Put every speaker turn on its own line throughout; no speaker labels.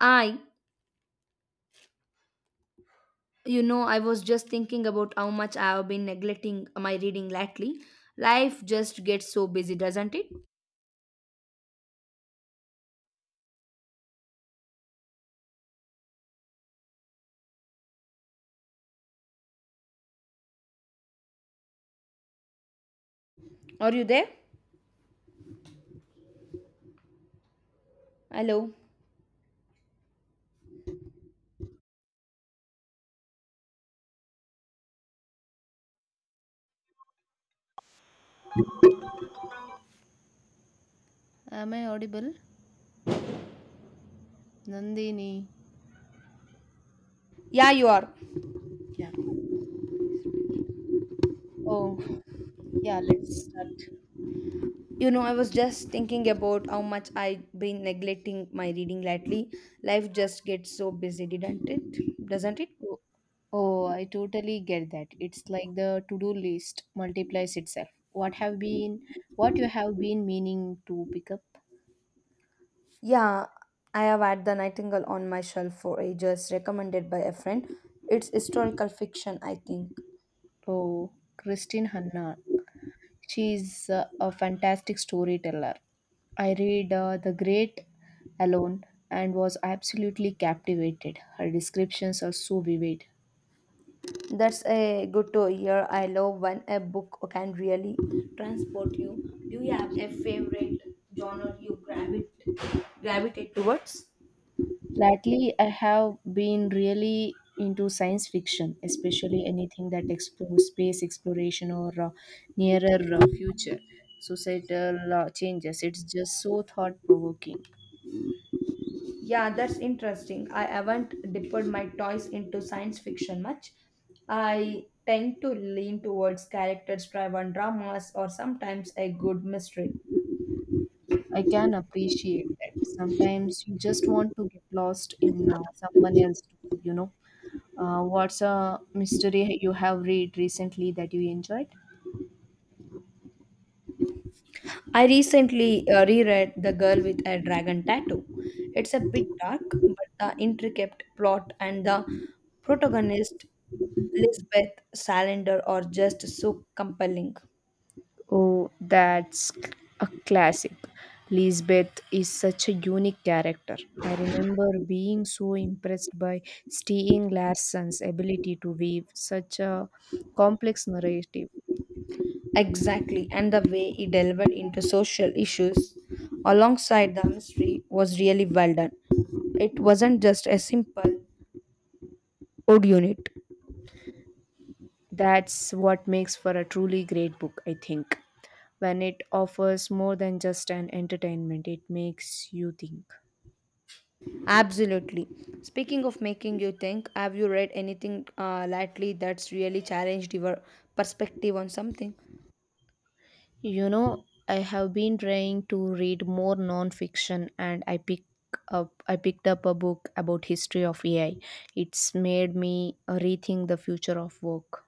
I, you know, I was just thinking about how much I have been neglecting my reading lately. Life just gets so busy, doesn't it? Are you there? Hello.
Am I audible? Nandini.
Yeah, you are.
Yeah. Oh, yeah, let's start.
You know, I was just thinking about how much I've been neglecting my reading lately. Life just gets so busy, didn't it? Doesn't it?
Oh, oh, I totally get that. It's like the to-do list multiplies itself. What you have been meaning to pick up?
Yeah, I have had The Nightingale on my shelf for ages, recommended by a friend. It's historical fiction, I think.
Oh, Christine Hanna. She's a fantastic storyteller. I read The Great Alone and was absolutely captivated. Her descriptions are so vivid.
That's a good to hear. I love when a book can really transport you. Do you have a favorite genre you gravitate towards?
Lately, I have been really into science fiction, especially anything that explores space exploration or nearer future societal changes. It's just so thought provoking.
Yeah, that's interesting. I haven't dipped my toys into science fiction much. I tend to lean towards characters driven dramas or sometimes a good mystery.
I can appreciate that. Sometimes you just want to get lost in someone else, you know. What's a mystery you have read recently that you enjoyed?
I recently reread The Girl with a Dragon Tattoo. It's a bit dark, but the intricate plot and the protagonist, Lisbeth Salander, are just so compelling.
Oh, that's c- a classic. Lisbeth is such a unique character. I remember being so impressed by Stieg Larsson's ability to weave such a complex narrative.
Exactly, and the way he delved into social issues alongside the mystery was really well done. It wasn't just a simple odd unit.
That's what makes for a truly great book, I think. When it offers more than just an entertainment, it makes you think.
Absolutely. Speaking of making you think, have you read anything lately that's really challenged your perspective on something?
You know, I have been trying to read more non-fiction and I picked up a book about history of AI. It's made me rethink the future of work.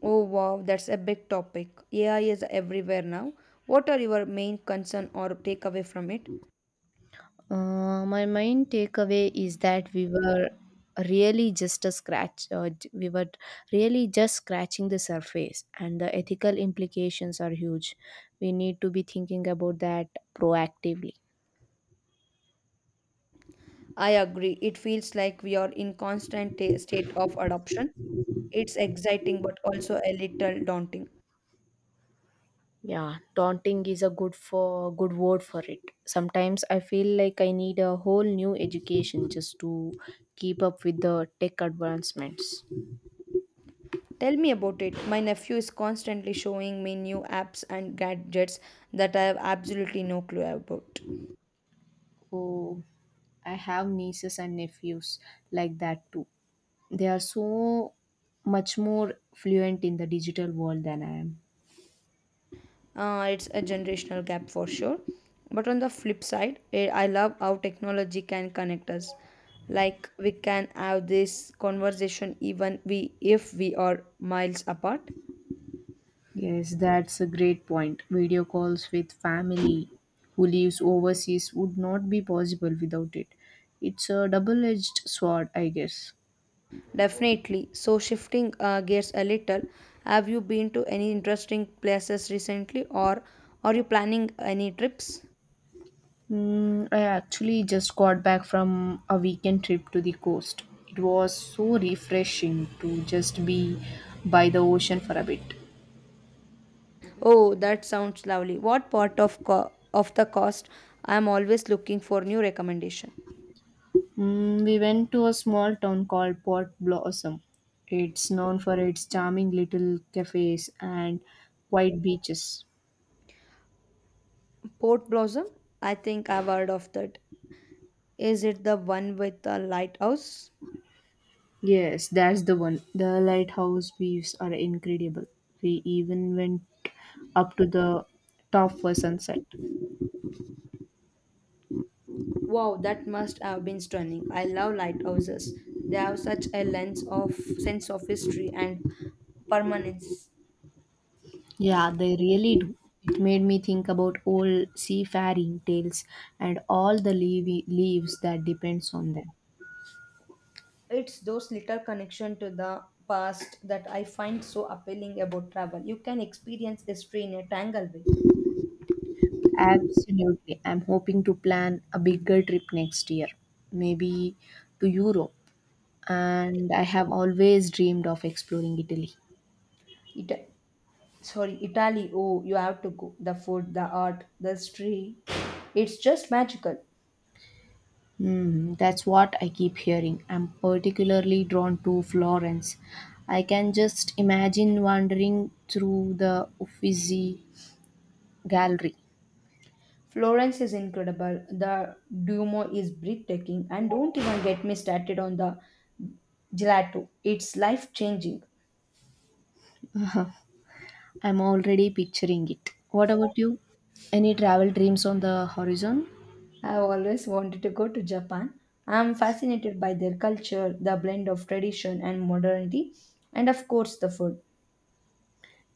Oh wow, that's a big topic. AI is everywhere now. What are your main concern or takeaway from it?
My main takeaway is that we were really just scratching the surface and the ethical implications are huge. We need to be thinking about that proactively.
I agree. It feels like we are in constant state of adoption. It's exciting but also a little daunting.
Yeah, daunting is a good word for it. Sometimes I feel like I need a whole new education just to keep up with the tech advancements.
Tell me about it. My nephew is constantly showing me new apps and gadgets that I have absolutely no clue about.
Oh, I have nieces and nephews like that too. They are so much more fluent in the digital world than I am.
It's a generational gap for sure, but on the flip side, I love how technology can connect us. Like, we can have this conversation even we if we are miles apart.
Yes, that's a great point. Video calls with family who lives overseas would not be possible without it. It's a double edged sword, I guess.
Definitely. So shifting gears a little, have you been to any interesting places recently, or are you planning any trips?
I actually just got back from a weekend trip to the coast. It was so refreshing to just be by the ocean for a bit.
Oh, that sounds lovely. What part of of the cost? I'm always looking for new recommendation.
We went to a small town called Port Blossom. It's known for its charming little cafes and white beaches.
Port Blossom? I think I've heard of that. Is it the one with the lighthouse?
Yes, that's the one. The lighthouse views are incredible. We even went up to the top for sunset.
Wow, that must have been stunning. I love lighthouses. They have such a lens of sense of history and permanence.
Yeah, they really do. It made me think about old seafaring tales and all the leaves that depends on them.
It's those little connection to the past that I find so appealing about travel. You can experience history in a tangle way.
Absolutely. I'm hoping to plan a bigger trip next year, maybe to Europe. And I have always dreamed of exploring Italy.
It, sorry, Italy. Oh, you have to go. The food, the art, the history. It's just magical.
That's what I keep hearing. I'm particularly drawn to Florence. I can just imagine wandering through the Uffizi Gallery.
Florence is incredible. The Duomo is breathtaking, and don't even get me started on the gelato. It's life changing.
I'm already picturing it. What about you? Any travel dreams on the horizon?
I've always wanted to go to Japan. I'm fascinated by their culture, the blend of tradition and modernity, and of course the food.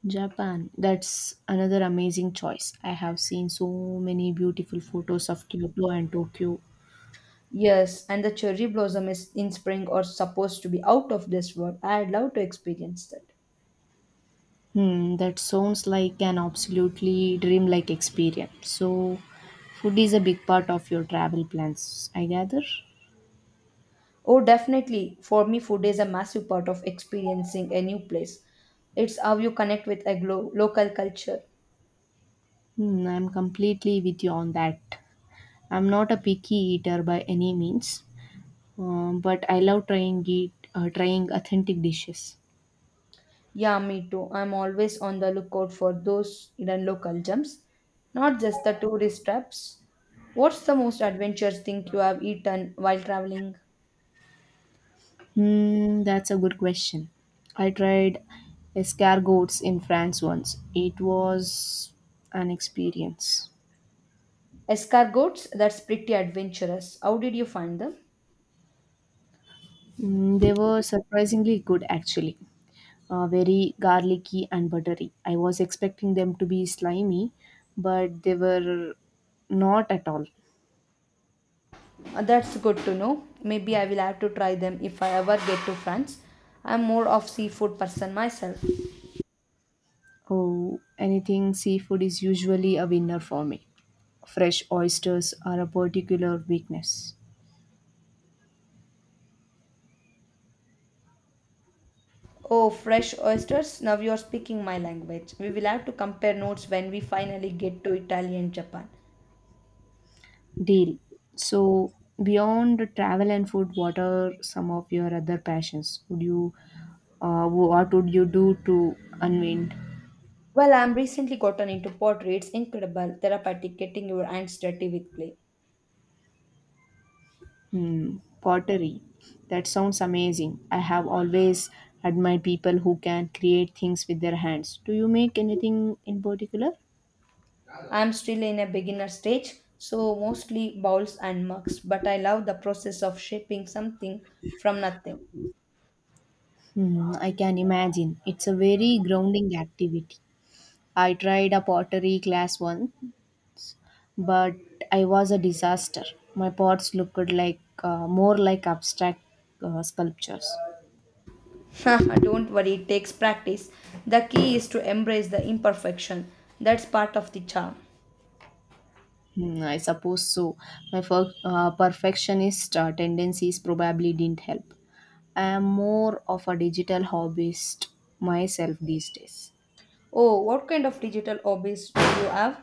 Japan. That's another amazing choice. I have seen so many beautiful photos of Kyoto and Tokyo.
Yes, and the cherry blossom is in spring or supposed to be out of this world. I'd love to experience that.
That sounds like an absolutely dreamlike experience. So, food is a big part of your travel plans, I gather.
Oh, definitely. For me, food is a massive part of experiencing a new place. It's how you connect with a local culture.
I'm completely with you on that. I'm not a picky eater by any means, but I love trying authentic dishes.
Yeah, me too. I'm always on the lookout for those hidden local gems, not just the tourist traps. What's the most adventurous thing you have eaten while traveling?
That's a good question. I tried escargots in France once. It was an experience.
Escargots? That's pretty adventurous. How did you find them?
They were surprisingly good, actually. Very garlicky and buttery. I was expecting them to be slimy, but they were not at all.
That's good to know. Maybe I will have to try them if I ever get to France. I'm more of seafood person myself.
Oh, anything seafood is usually a winner for me. Fresh oysters are a particular weakness.
Oh, fresh oysters. Now you're speaking my language. We will have to compare notes when we finally get to Italy and Japan.
Deal. So, beyond travel and food, what are some of your other passions? What would you do to unwind?
Well, I'm recently gotten into pottery. It's incredible, therapeutic, getting your hands dirty with clay.
Hmm, Pottery. That sounds amazing. I have always admired people who can create things with their hands. Do you make anything in particular?
I'm still in a beginner stage, so mostly bowls and mugs, but I love the process of shaping something from nothing.
I can imagine. It's a very grounding activity. I tried a pottery class once but I was a disaster. My pots looked like more like abstract sculptures.
Don't worry, it takes practice. The key is to embrace the imperfection. That's part of the charm.
I suppose so. My perfectionist tendencies probably didn't help. I am more of a digital hobbyist myself these days.
Oh, what kind of digital hobbies do you have?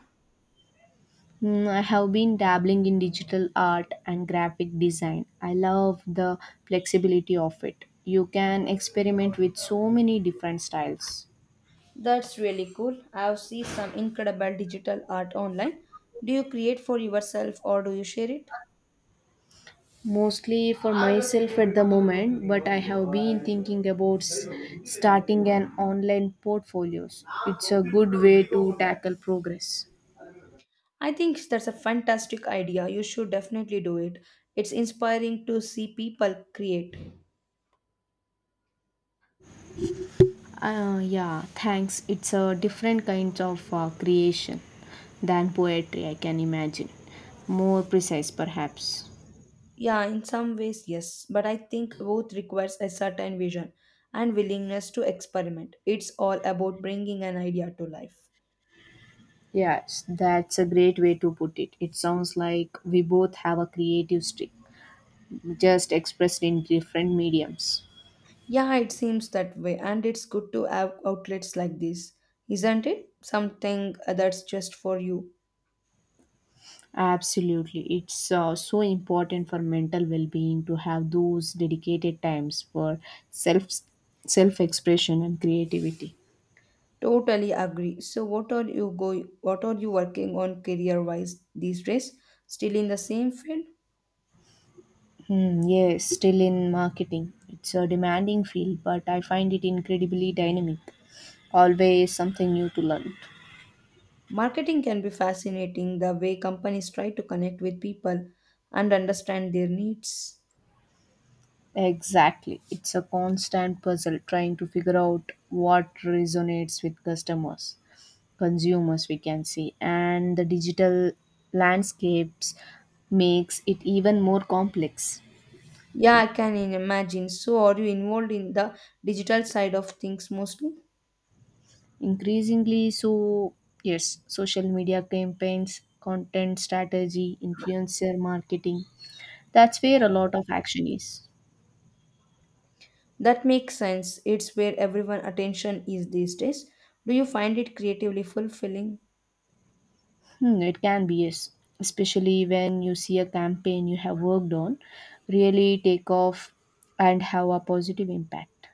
I have been dabbling in digital art and graphic design. I love the flexibility of it. You can experiment with so many different styles.
That's really cool. I've seen some incredible digital art online. Do you create for yourself or do you share it?
Mostly for myself at the moment but I have been thinking about starting an online portfolios. It's a good way to tackle progress.
I think that's a fantastic idea. You should definitely do it. It's inspiring to see people create.
Yeah, thanks. It's a different kind of creation than poetry I can imagine, more precise perhaps.
Yeah, in some ways, yes, but I think both requires a certain vision and willingness to experiment. It's all about bringing an idea to life.
Yes, that's a great way to put it. It sounds like we both have a creative streak, just expressed in different mediums.
Yeah, it seems that way, and it's good to have outlets like this, isn't it? Something that's just for you.
Absolutely. It's so important for mental well-being to have those dedicated times for self self-expression and creativity.
Totally agree. So what are you working on career wise these days? Still in the same field?
Yes, still in marketing. It's a demanding field, but I find it incredibly dynamic. Always something new to learn.
Marketing can be fascinating the way companies try to connect with people and understand their needs.
Exactly. It's a constant puzzle trying to figure out what resonates with customers, consumers we can see, and the digital landscapes makes it even more complex.
Yeah, I can imagine. So are you involved in the digital side of things mostly?
Increasingly so, yes. Social media campaigns, content strategy, influencer marketing, that's where a lot of action is.
That makes sense. It's where everyone attention is these days. Do you find it creatively fulfilling?
It can be, yes, especially when you see a campaign you have worked on really take off and have a positive impact.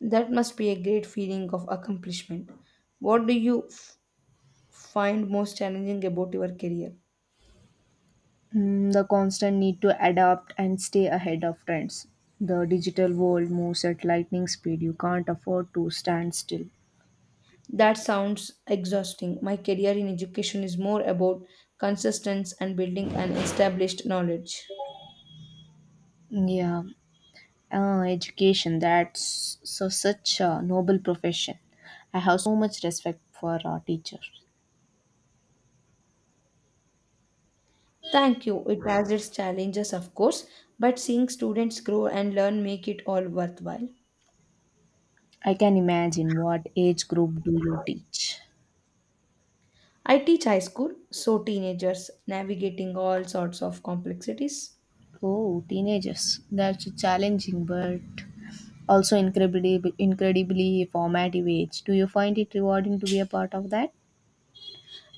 That must be a great feeling of accomplishment. What do you find most challenging about your career?
The constant need to adapt and stay ahead of trends. The digital world moves at lightning speed. You can't afford to stand still.
That sounds exhausting. My career in education is more about consistency and building an established knowledge.
Yeah, education. That's such a noble profession. I have so much respect for our teachers.
Thank you. It has its challenges, of course, but seeing students grow and learn make it all worthwhile.
I can imagine, what age group do you teach?
I teach high school, so teenagers navigating all sorts of complexities.
Oh, teenagers. That's challenging, but also incredibly formative age. Do you find it rewarding to be a part of that?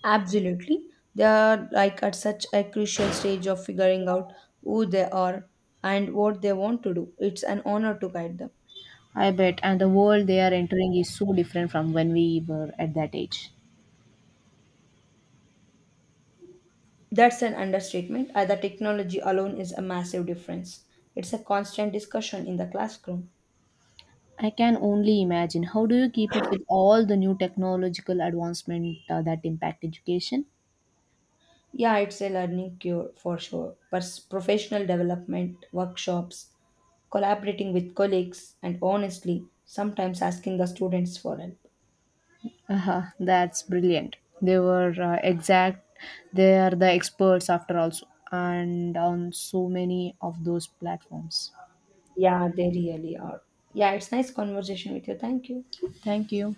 Absolutely. They are like at such a crucial stage of figuring out who they are and what they want to do. It's an honor to guide them.
I bet. And the world they are entering is so different from when we were at that age.
That's an understatement. The technology alone is a massive difference. It's a constant discussion in the classroom.
I can only imagine. How do you keep up with all the new technological advancement that impact education?
Yeah, it's a learning cure for sure. Professional development, workshops, collaborating with colleagues, and honestly, sometimes asking the students for help.
That's brilliant. They were exact. They are the experts after all, so- and on so many of those platforms.
Yeah, they really are. Yeah, it's nice conversation with you. Thank you.
Thank you.